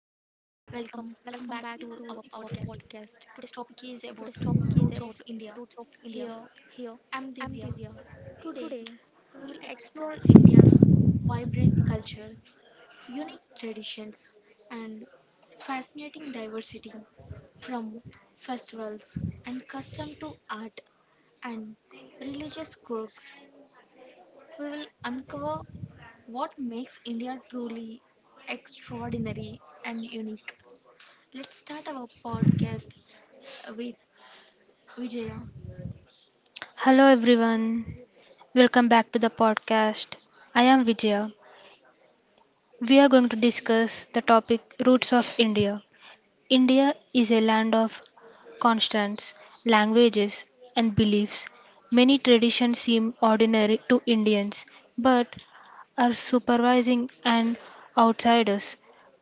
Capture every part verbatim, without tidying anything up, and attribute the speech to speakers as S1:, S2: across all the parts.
S1: back to our podcast. Today's topic is about roots of India. Here, I'm Divya. Today, we will explore India's vibrant culture, unique traditions, and fascinating diversity from festivals and custom to art and religious quirks. We will uncover what makes India truly extraordinary and unique. Let's start our podcast with Vijaya.
S2: Hello everyone, welcome back to the podcast. I am Vijaya. We are going to discuss the topic Roots of India. India is a land of constants, languages, and beliefs. Many traditions seem ordinary to Indians but are surprising and outsiders.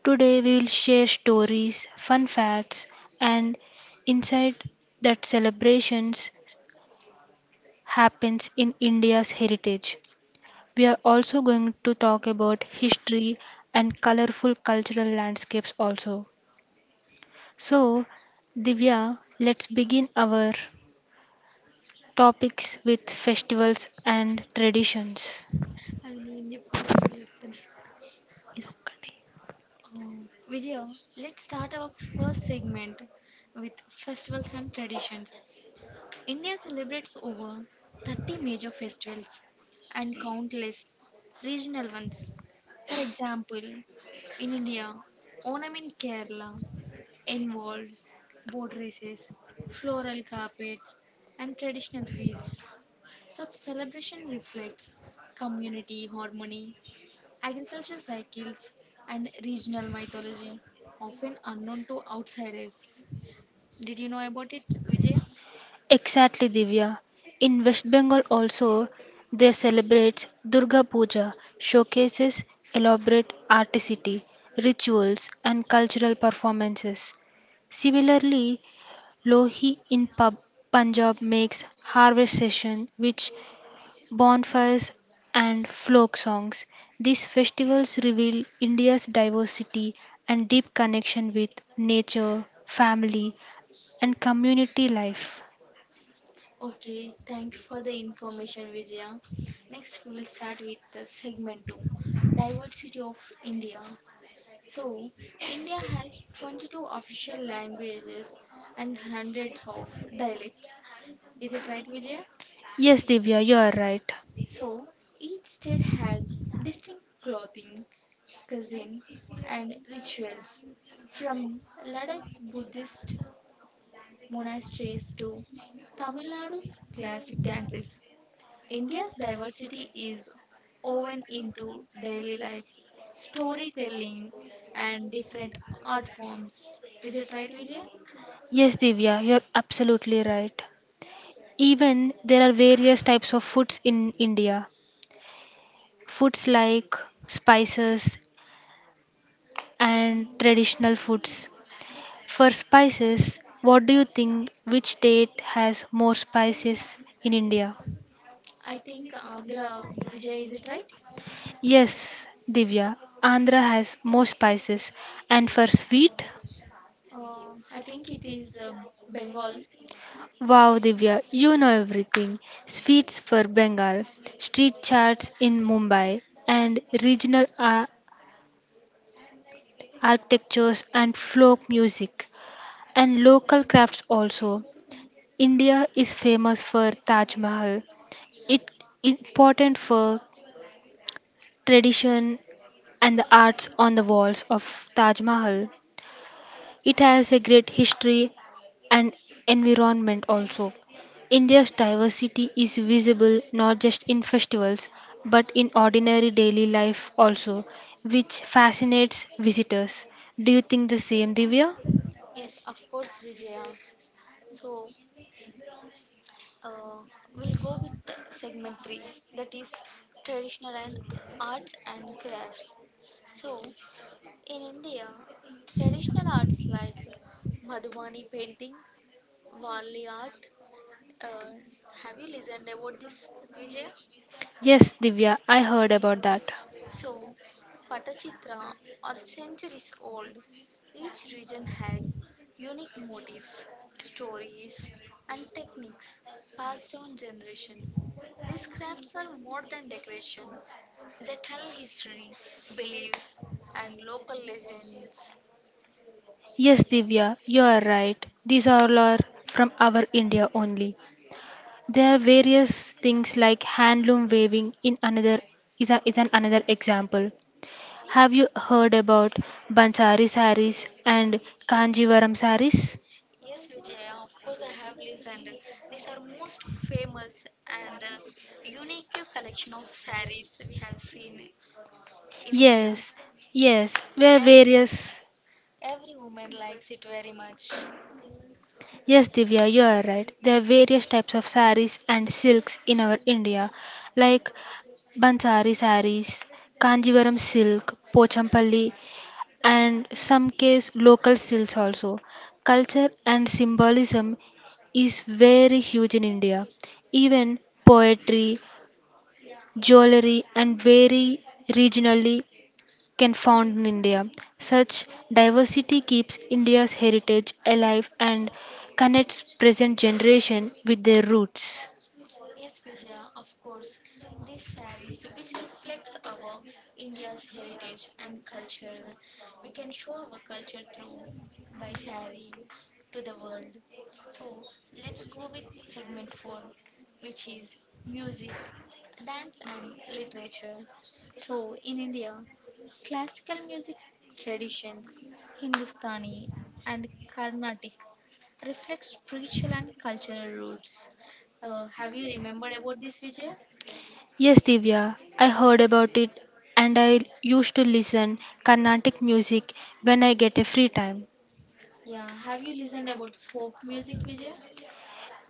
S2: Today we will share stories, fun facts, and insight that celebrations happens in India's heritage. We are also going to talk about history and colorful cultural landscapes also. So, Divya, let's begin our topics with festivals and traditions.
S1: Oh, Vijaya, let's start our first segment with festivals and traditions. India celebrates over thirty major festivals and countless regional ones. For example, in India, Onam in Kerala, involves boat races, floral carpets, and traditional feasts. Such celebration reflects community harmony, agriculture cycles, and regional mythology, often unknown to outsiders. Did you know about it, Vijaya?
S2: Exactly, Divya. In West Bengal also, they celebrate Durga Puja, showcases elaborate articity, rituals, and cultural performances. Similarly, Lohi in Pub- Punjab makes harvest session which bonfires and folk songs. These festivals reveal India's diversity and deep connection with nature, family and community life.
S1: Okay, thank you for the information, Vijaya. Next, we will start with the segment two, diversity of India. So, India has twenty-two official languages and hundreds of dialects. Is it right, Vijay?
S2: Yes, Divya, you are right.
S1: So, each state has distinct clothing, cuisine, and rituals. From Ladakh's Buddhist monasteries to Tamil Nadu's classic dances, India's diversity is woven into daily life, storytelling, and different art forms. Is it right, Vijay?
S2: Yes, Divya, you're absolutely right. Even there are various types of foods in India. Foods like spices and traditional foods. For spices, what do you think? Which state has more spices in India?
S1: I think uh, Vijaya, is it right?
S2: Yes, Divya, Andhra has more spices. And for sweet?
S1: Uh, I think it is uh, Bengal.
S2: Wow, Divya, you know everything. Sweets for Bengal, street charts in Mumbai, and regional ar- architectures and folk music, and local crafts also. India is famous for Taj Mahal. It important for tradition and the arts on the walls of Taj Mahal. It has a great history and environment also. India's diversity is visible not just in festivals but in ordinary daily life also, which fascinates visitors. Do you think the same, Divya?
S1: Yes, of course, Vijaya. So uh, we'll go with uh, segment three, that is traditional and arts and crafts. So in India, traditional arts like Madhubani painting, Varli art. Uh, have you listened about this, Vijaya?
S2: Yes, Divya, I heard about that.
S1: So, Patachitra are centuries old. Each region has unique motifs, stories, and techniques passed down generations. These crafts are more than decoration, they tell history, beliefs, and local legends.
S2: Yes, Divya, you are right. These all are from our India only. There are various things like handloom weaving in another is, a, is an another example. Have you heard about Bansari saris and Kanjivaram saris?
S1: Yes, Vijaya, of course, I have listened. These are most famous and uh, unique collection of saris we have seen in India.
S2: Yes, yes, there are various.
S1: Every woman likes it very much.
S2: Yes, Divya, you are right. There are various types of saris and silks in our India, like Bansari saris, Kanjivaram silk, Pochampalli and some case local stills also. Culture and symbolism is very huge in India. Even poetry, jewelry, and very regionally can found in India. Such diversity keeps India's heritage alive and connects present generation with their roots.
S1: Yes, Vijaya, of course. These saris, which reflects our India's heritage and culture, we can show our culture through by sari to the world. So let's go with segment four, which is music, dance, and literature. So in India, classical music traditions, Hindustani and Carnatic reflect spiritual and cultural roots. Uh, have you remembered about this, Vijay?
S2: Yes, Divya, I heard about it and I used to listen Carnatic music when I get a free time.
S1: Yeah, have you listened about folk music, Vijay?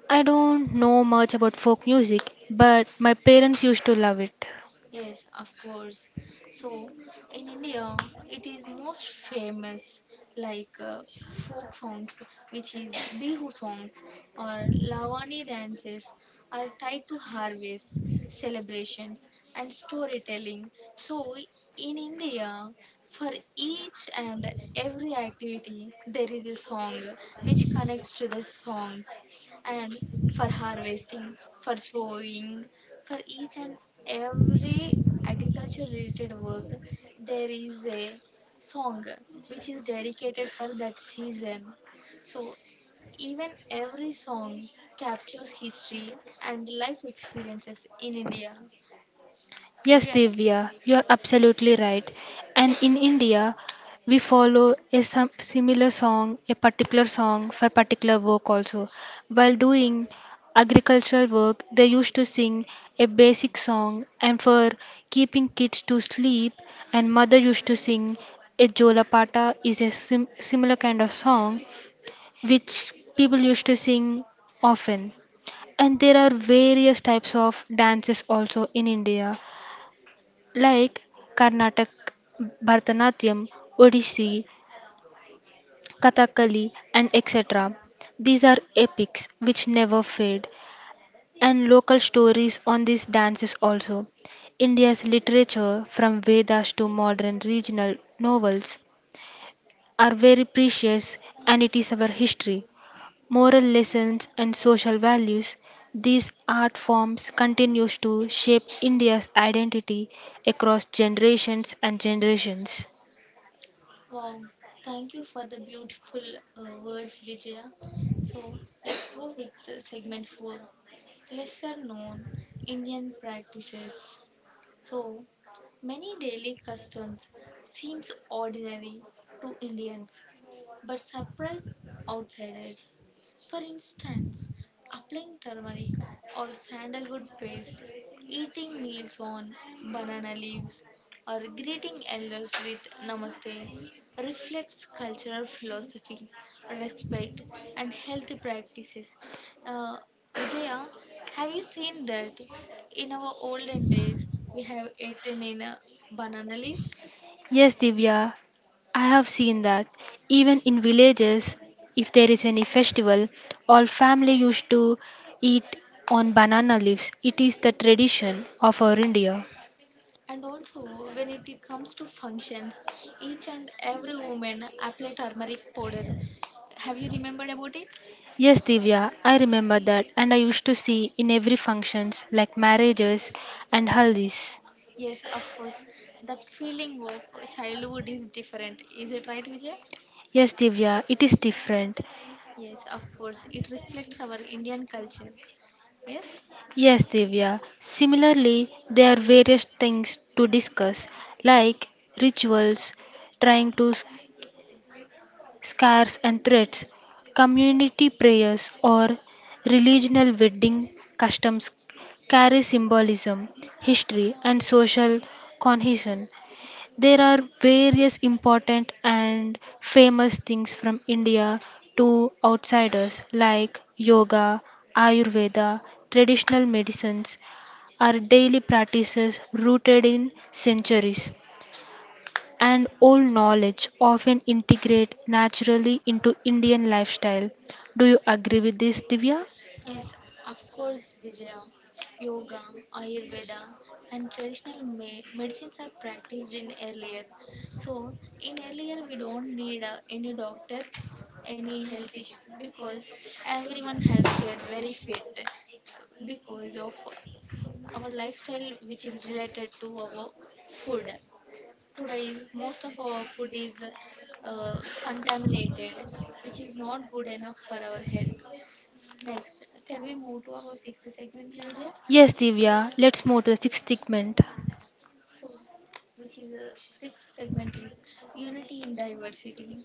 S2: I don't know much about folk music, but my parents used to love it.
S1: Yes, of course. So, in India, it is most famous like uh, folk songs, which is Bihu songs or Lavani dances, are tied to harvests, celebrations, and storytelling. So, in India, for each and every activity, there is a song which connects to the songs, and for harvesting, for sowing, for each and every agriculture related work there is a song which is dedicated for that season. So even every song captures history and life experiences in India.
S2: Yes, Divya, you are absolutely right. And in India, we follow a some similar song, a particular song for particular work also. While doing agricultural work, they used to sing a basic song, and for keeping kids to sleep, and mother used to sing a jolapata is a sim- similar kind of song which people used to sing often. And there are various types of dances also in India, like Carnatic, Bharatanatyam, Odissi, Kathakali, and et cetera. These are epics which never fade, and local stories on these dances also. India's literature, from Vedas to modern regional novels, are very precious and it is our history. Moral lessons, and social values, these art forms continues to shape India's identity across generations and generations.
S1: Wow, thank you for the beautiful uh, words, Vijaya. So let's go with uh, segment four, lesser known Indian practices. So many daily customs seems ordinary to Indians but surprise outsiders. For instance, applying turmeric or sandalwood paste, eating meals on banana leaves, or greeting elders with namaste reflects cultural philosophy, respect, and health practices. Uh, Vijaya, have you seen that in our olden days we have eaten in uh, banana leaves?
S2: Yes, Divya, I have seen that. Even in villages, if there is any festival, all family used to eat on banana leaves. It is the tradition of our India.
S1: And also, when it comes to functions, each and every woman apply turmeric powder. Have you remembered about it?
S2: Yes, Divya, I remember that, and I used to see in every functions like marriages and haldi's.
S1: Yes, of course. That feeling of childhood is different. Is it right, Vijay?
S2: Yes, Divya, it is different.
S1: Yes, of course. It reflects our Indian culture. Yes.
S2: Yes, Divya. Similarly, there are various things to discuss, like rituals, trying to s- scars and threats, community prayers, or religional wedding customs carry symbolism, history, and social cohesion. There are various important and famous things from India to outsiders like yoga, Ayurveda, traditional medicines are daily practices rooted in centuries and old knowledge often integrate naturally into Indian lifestyle. Do you agree with this, Divya?
S1: Yes, of course, Vijaya. Yoga, Ayurveda, and traditional me- medicines are practiced in earlier. So, in earlier, we don't need uh, any doctor, any health issues because everyone has stayed very fit because of our lifestyle, which is related to our food. Today, is- most of our food is uh, contaminated, which is not good enough for our health. Next, can we move to our sixth segment, Vijay?
S2: Yes, Divya. Let's move to the sixth segment.
S1: So, which is uh, sixth segment is unity in diversity.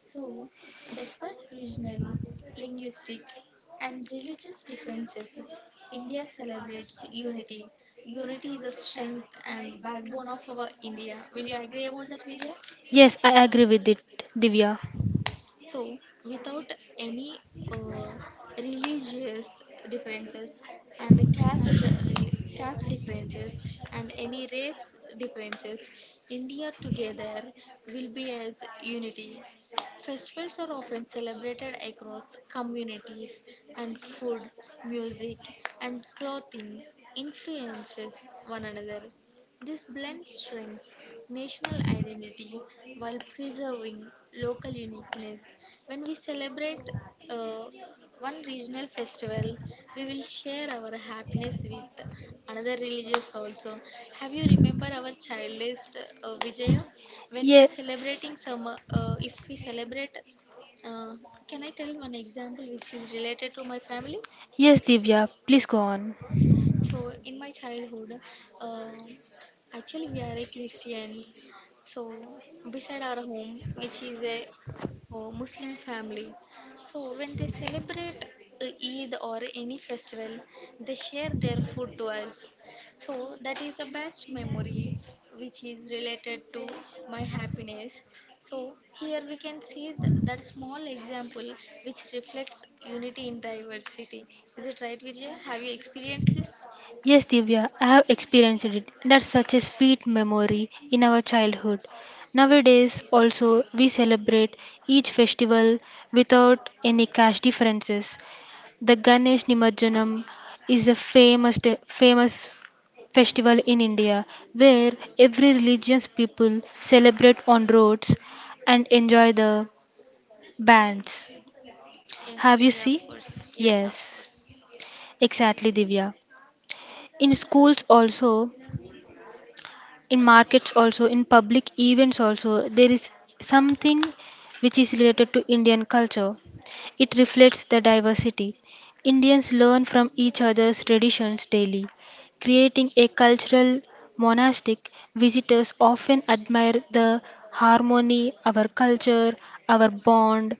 S1: So, despite regional, linguistic, and religious differences, India celebrates unity. Unity is a strength and backbone of our India. Will you agree about that, Vijay?
S2: Yes, I agree with it, Divya.
S1: So, without any uh, religious differences and caste caste differences and any race differences, India together will be as unity. Festivals are often celebrated across communities, and food, music, and clothing influences one another. This blend strengthens national identity while preserving local uniqueness. When we celebrate uh, one regional festival, we will share our happiness with another religious also. Have you remember our childless uh, Vijaya? When we are celebrating some, uh, uh, if we celebrate, uh, can I tell one example which is related to my family?
S2: Yes, Divya, please go on.
S1: So in my childhood, uh, actually we are a Christians. So beside our home, which is a uh, Muslim family, so when they celebrate uh, Eid or any festival, they share their food to us. So that is the best memory which is related to my happiness. So here we can see th- that small example which reflects unity in diversity. Is it right, Vijaya? Have you experienced this?
S2: Yes, Divya, I have experienced it. That's such a sweet memory in our childhood. Nowadays, also, we celebrate each festival without any cash differences. The Ganesh Nimarjanam is a famous, famous festival in India where every religion's people celebrate on roads and enjoy the bands.
S1: Yes,
S2: Have
S1: we-
S2: you seen?
S1: yes,
S2: Yes, exactly, Divya. In schools also, in markets also, in public events also, there is something which is related to Indian culture. It reflects the diversity. Indians learn from each other's traditions daily, creating a cultural monastic. Visitors often admire the harmony, our culture, our bond,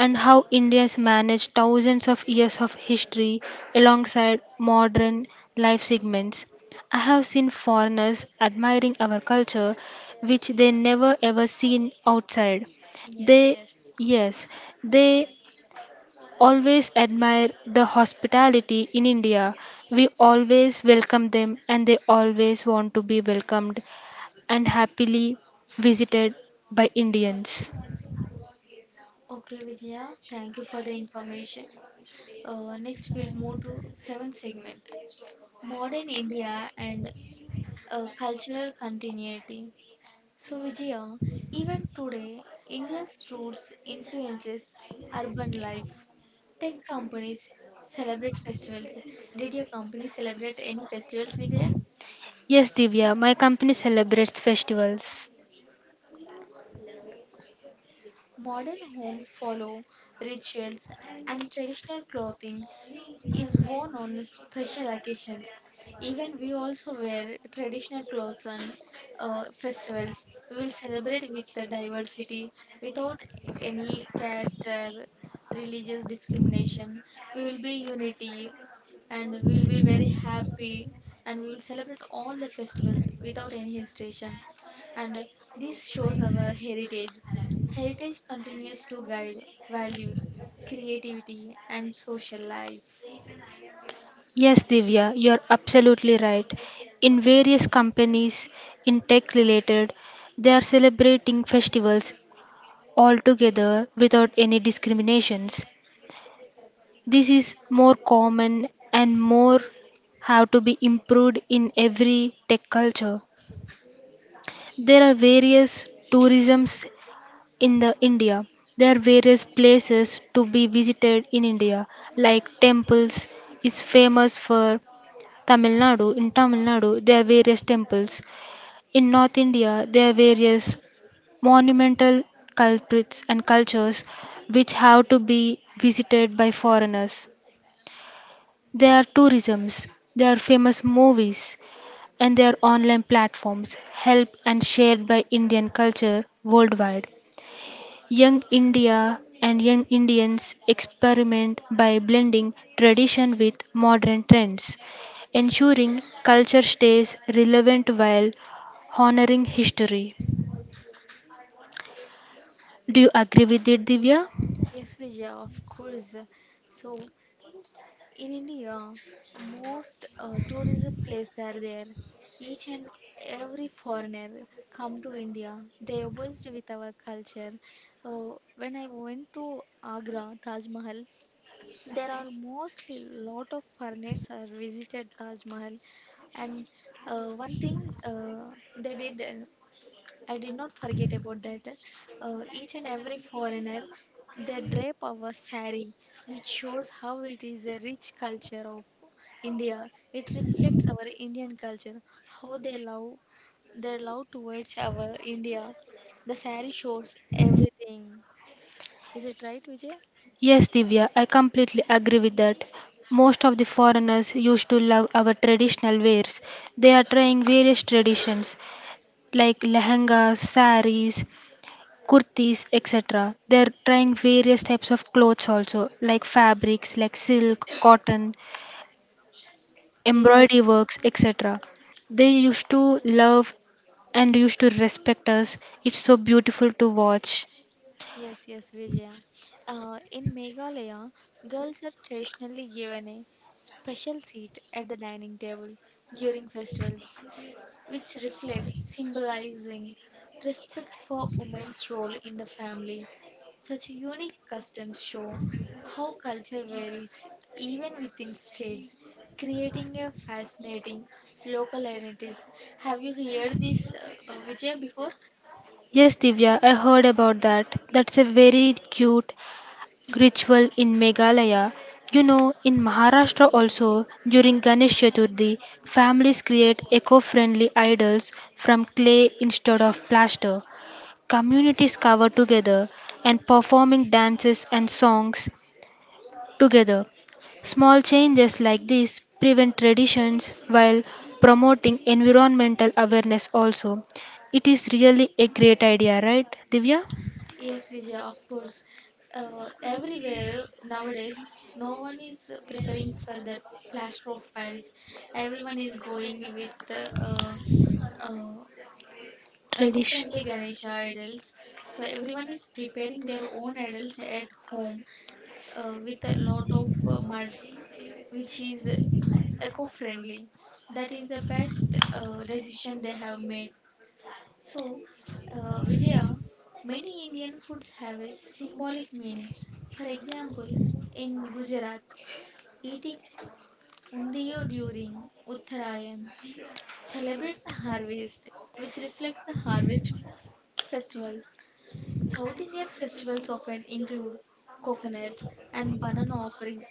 S2: and how Indians managed thousands of years of history alongside modern life segments. I have seen foreigners admiring our culture, which they never ever seen outside.
S1: yes.
S2: They, yes, they always admire the hospitality in India. We always welcome them, and they always want to be welcomed and happily visited by Indians.
S1: Okay, Vijaya, thank you for the information. Uh, next, we'll move to seventh segment, modern India and uh, cultural continuity. So Vijaya, even today, India's roots influences urban life. Tech companies celebrate festivals. Did your company celebrate any festivals, Vijaya?
S2: Yes, Divya, my company celebrates festivals.
S1: Modern homes follow rituals and traditional clothing is worn on special occasions. Even we also wear traditional clothes on uh, festivals. We will celebrate with the diversity without any caste or religious discrimination. We will be unity and we will be very happy and we will celebrate all the festivals without any hesitation. And uh, this shows our heritage. Heritage continues to guide values, creativity, and social life.
S2: Yes, Divya, you're absolutely right. In various companies, in tech related, they are celebrating festivals altogether without any discriminations. This is more common and more have to be improved in every tech culture. There are various tourisms in the India. There are various places to be visited in India, like temples is famous for Tamil Nadu. In Tamil Nadu, there are various temples. In North India, there are various monumental culprits and cultures which have to be visited by foreigners. There are tourisms, there are famous movies, and there are online platforms help and shared by Indian culture worldwide. Young India and young Indians experiment by blending tradition with modern trends, ensuring culture stays relevant while honoring history. Do you agree with it, Divya?
S1: Yes, Vijaya, of course. So, in India, most uh, tourism place there. Each and every foreigner come to India, but how went to and uh, they not forget uh, each foreigner they drape our saree, which show rich culture of India. It reflects our Indian culture, how they love their love towards our India. The saree shows everything. Is it right, Vijay?
S2: Yes, Divya, I completely agree with that. Most of the foreigners used to love our traditional wares. They are trying various traditions like lehengas, saris, kurtis etc. They're trying various types of clothes also, like fabrics like silk, cotton,
S1: Yes.
S2: embroidery works etc. They used to love and used to respect us. It's so beautiful to watch.
S1: Yes, yes, Vijaya. Uh, in Meghalaya, girls are traditionally given a special seat at the dining table during festivals, which reflects symbolizing respect for women's role in the family. Such unique customs show how culture varies even within states, creating a fascinating local identities. Have you heard this, uh, uh, Vijaya, before?
S2: Yes, Divya, I heard about that. That's a very cute ritual in Meghalaya. You know, in Maharashtra also, during Ganesh Chaturthi, families create eco-friendly idols from clay instead of plaster. Communities cover together and performing dances and songs together. Small changes like this prevent traditions while promoting environmental awareness also. It is really a great idea, right, Divya?
S1: Yes, Vijaya, of course. Uh, everywhere nowadays no one is uh, preferring for that plaster of paris. Everyone is going with uh, uh, uh,
S2: Tradition.
S1: eco-friendly Ganesha idols. So everyone is preparing their own idols at home uh, with a lot of uh, mud which is uh, eco-friendly. That is the best uh, decision they have made. So uh, Vijaya, many Indian foods have a symbolic meaning. For example, in Gujarat, eating undiyo during Uttarayan celebrates the harvest, which reflects the harvest festival. South Indian festivals often include coconut and banana offerings.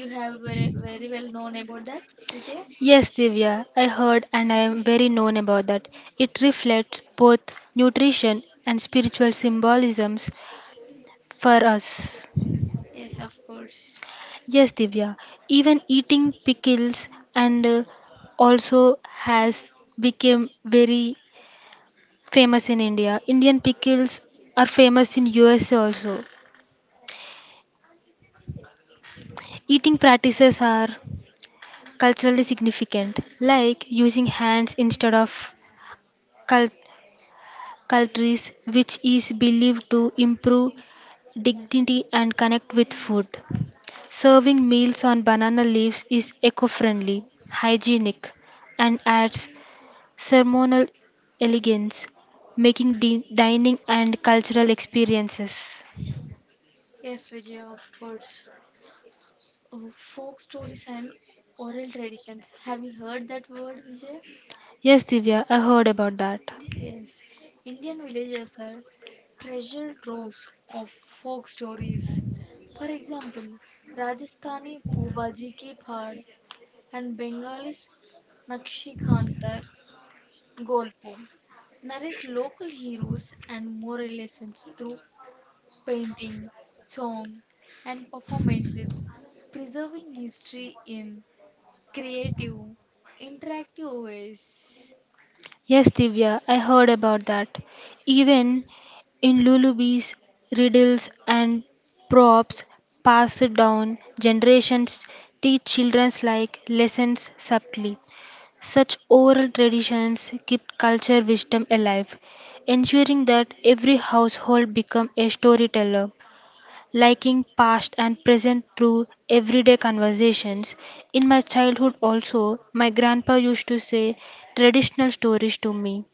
S1: You have very, very well known about that, Vijaya?
S2: Yes, Divya, I heard and I am very known about that. It reflects both nutrition and spiritual symbolisms for us.
S1: Yes, of course.
S2: Yes, Divya. Even eating pickles and uh, also has become very famous in India. Indian pickles are famous in U S A also. Eating practices are culturally significant, like using hands instead of cul- cutleries, which is believed to improve dignity and connect with food. Serving meals on banana leaves is eco-friendly, hygienic, and adds ceremonial elegance, making di- dining and cultural experiences.
S1: Yes, Vijaya, of course. Oh, folk stories and oral traditions. Have you heard that word, Vijaya?
S2: Yes, Divya, I heard about that.
S1: Yes, Indian villages are treasure troves of folk stories. For example, Rajasthani Pubaji Ki Phad and Bengalis Nakshi Khantar Golpo narrate local heroes and moral lessons through painting, song, and performances, preserving history in creative, interactive ways.
S2: Yes, Divya, I heard about that. Even in lullabies, riddles, and props passed down generations teach children's like lessons subtly. Such oral traditions keep culture wisdom alive, ensuring that every household become a storyteller liking past and present through everyday conversations. In my childhood, also, my grandpa used to say traditional stories to me,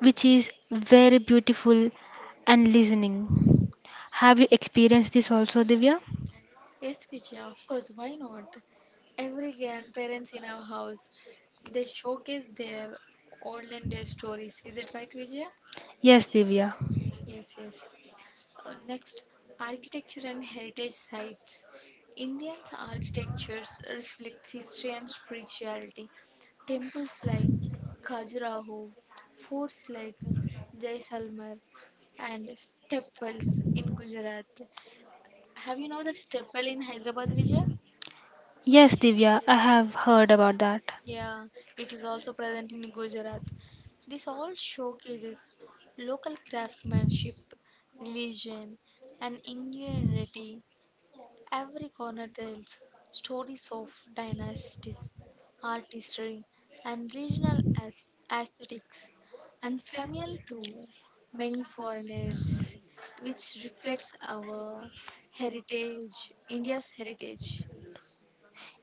S2: which is very beautiful and listening. Have you experienced this also, Divya?
S1: Yes, Vijaya, of course, why not? Every grandparents in our house, they showcase their olden day stories. Is it right, Vijaya?
S2: Yes, Divya.
S1: Yes, yes. Uh, next, architecture and heritage sites. Indian architectures reflects history and spirituality. Temples like Khajuraho, forts like Jaisalmer, and stepwells in Gujarat. Have you know that stepwell in Hyderabad, Vijay?
S2: Yes, Divya, I have heard about that.
S1: Yeah, it is also present in Gujarat. This all showcases local craftsmanship, religion, and ingenuity. Every corner tells stories of dynasties, artistry, and regional aes- aesthetics, unfamiliar to many foreigners, which reflects our heritage, India's heritage.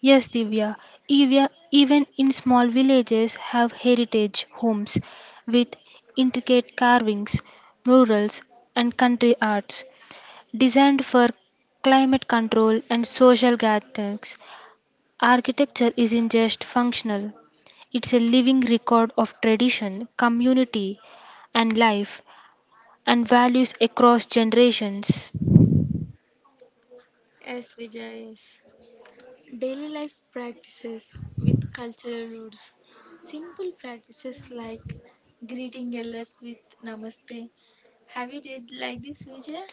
S2: Yes, Divya. Even, even in small villages have heritage homes with intricate carvings, murals and country arts designed for climate control and social gatherings. Architecture isn't just functional, it's a living record of tradition, community and life and values across generations.
S1: Yes, Vijay, yes. Daily life practices with cultural roots. Simple practices like greeting elders with namaste. Have you did like this, Vijay?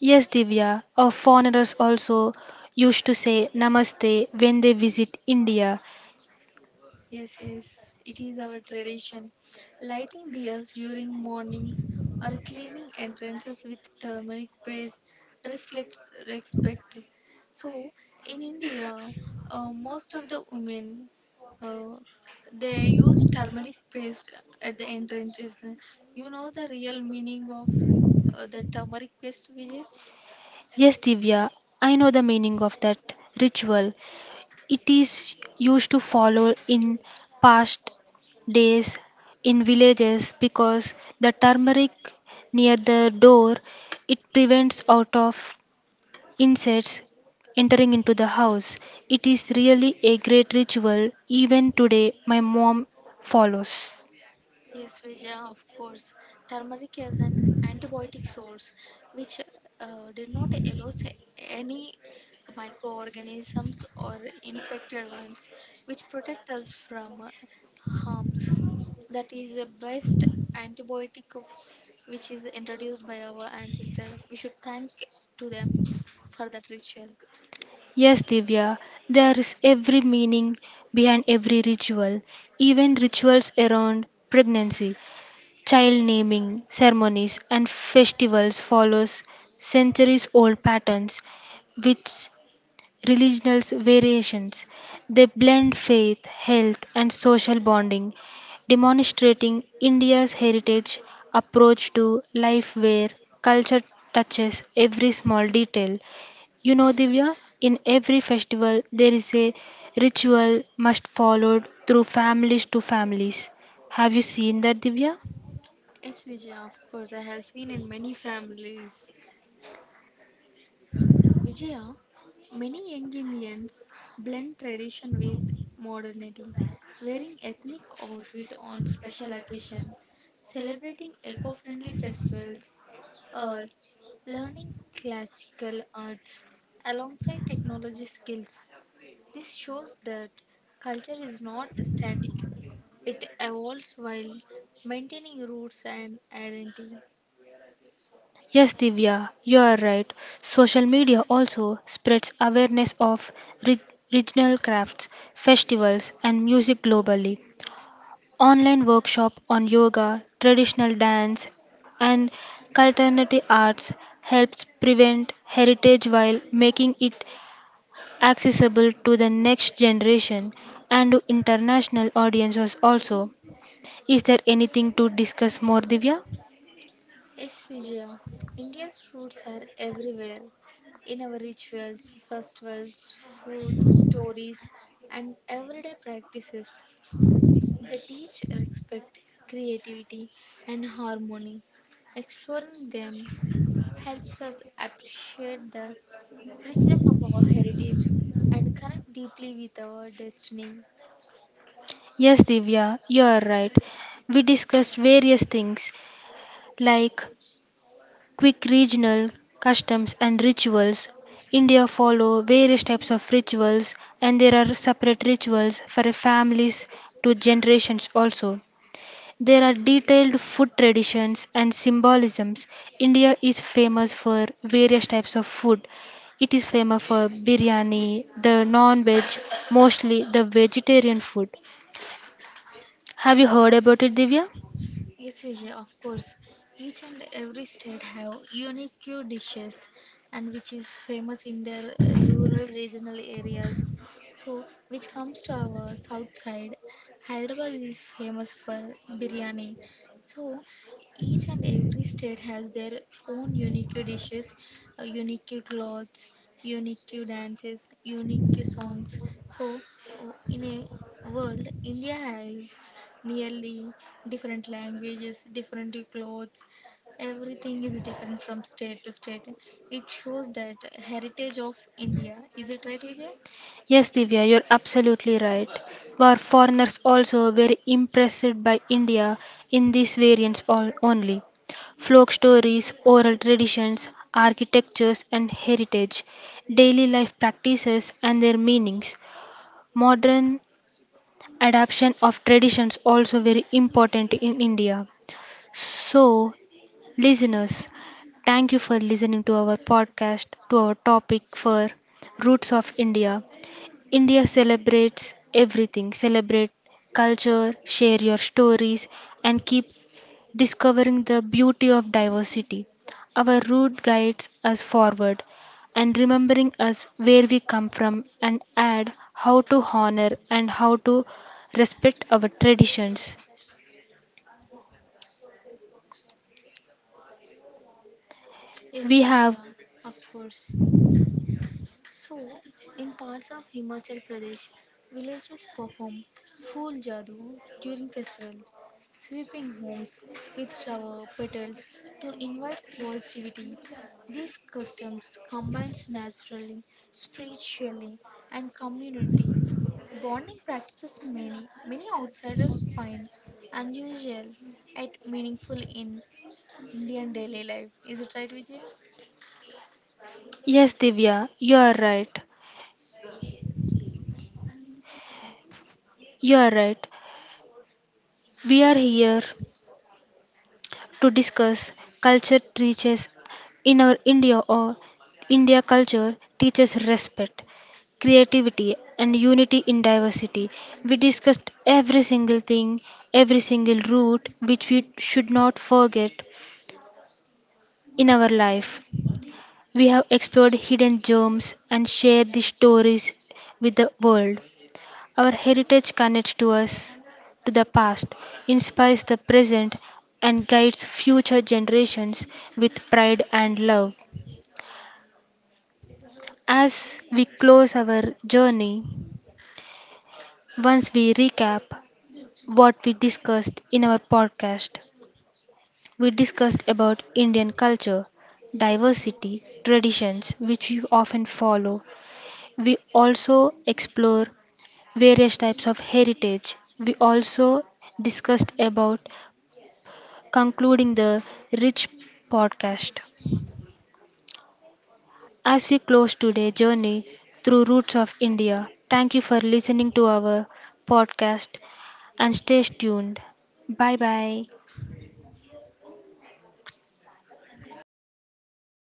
S2: Yes, Divya. Our foreigners also used to say namaste when they visit India.
S1: Yes, yes, it is our tradition. Lighting diyas during mornings or cleaning entrances with turmeric paste reflects respect. So, in India, uh, most of the women uh, they use turmeric paste at the entrances. You know the real meaning of uh, the turmeric paste, Vijay?
S2: Yes, Divya, I know the meaning of that ritual. It is used to follow in past days in villages because the turmeric near the door, it prevents out of insects entering into the house. It is really a great ritual. Even today my mom follows.
S1: Yes, Vijaya, of course. Turmeric is an antibiotic source which uh, did not allow s- any microorganisms or infected ones, which protect us from uh, harms. That is the best antibiotic of, which is introduced by our ancestor. We should thank to them for that ritual.
S2: Yes, Divya, there is every meaning behind every ritual, even rituals around pregnancy, child naming ceremonies and festivals follows centuries old patterns which religious variations, they blend faith, health and social bonding, demonstrating India's heritage approach to life where culture touches every small detail. You know, Divya, in every festival there is a ritual must followed through families to families. Have you seen that, Divya?
S1: Yes, Vijaya, of course. I have seen in many families. Yeah, many young Indians blend tradition with modernity, wearing ethnic outfit on special occasion, celebrating eco-friendly festivals, or learning classical arts alongside technology skills. This shows that culture is not static; it evolves while maintaining roots and identity.
S2: Yes, Divya, you are right. Social media also spreads awareness of re- regional crafts, festivals, and music globally. Online workshop on yoga, traditional dance, and alternative arts helps prevent heritage while making it accessible to the next generation and to international audiences also. Is there anything to discuss more, Divya?
S1: Yes, Vijaya. India's roots are everywhere in our rituals, festivals, foods, stories, and everyday practices. They teach respect, creativity, and harmony. Exploring them helps us appreciate the richness of our heritage and connect deeply with our destiny.
S2: Yes, Divya, you are right. We discussed various things like quick regional customs and rituals. India follow various types of rituals and there are separate rituals for families to generations also. There are detailed food traditions and symbolisms. India is famous for various types of food. It is famous for biryani, the non veg, mostly the vegetarian food. Have you heard about it, Divya?
S1: Yes, Vijay, of course. Each and every state have unique dishes and which is famous in their uh, rural regional areas. So, which comes to our south side, Hyderabad is famous for biryani. So, each and every state has their own unique dishes, uh, unique clothes, unique dances, unique songs. So, o- in a world, India has nearly different languages, different clothes, everything is different from state to state. It shows that heritage of India. Is it right, Vijay?
S2: Yes, Divya, you're absolutely right. Were foreigners also very impressed by India in these variants all only? Folk stories, oral traditions, architectures and heritage, daily life practices and their meanings. Modern adaptation of traditions also very important in India. So, listeners, thank you for listening to our podcast to our topic for Roots of India. India celebrates everything. Celebrate culture, share your stories and keep discovering the beauty of diversity. Our route guides us forward and remembering us where we come from and add how to honor and how to respect our traditions.
S1: Yes,
S2: We have,
S1: Vijay. Of course. So, in parts of Himachal Pradesh, villages perform Phool Jadoo during festivals, sweeping homes with flower petals to invite positivity. These customs combines naturally, spiritually, and community bonding practices many many outsiders find unusual yet meaningful in Indian daily life. Is it right, Vijay?
S2: yes, Divya, you are right. You are right. We are here to discuss culture teaches in our India, or India culture teaches respect, creativity, and unity in diversity. We discussed every single thing, every single root which we should not forget in our life. We have explored hidden germs and shared these stories with the world. Our heritage connects to us to the past, inspires the present, and guides future generations with pride and love. As we close our journey, once we recap what we discussed in our podcast, we discussed about Indian culture, diversity, traditions which we often follow. We also explore various types of heritage. We also discussed about concluding the Rich podcast. As we close today's journey through roots of India, thank you for listening to our podcast and stay tuned. Bye bye.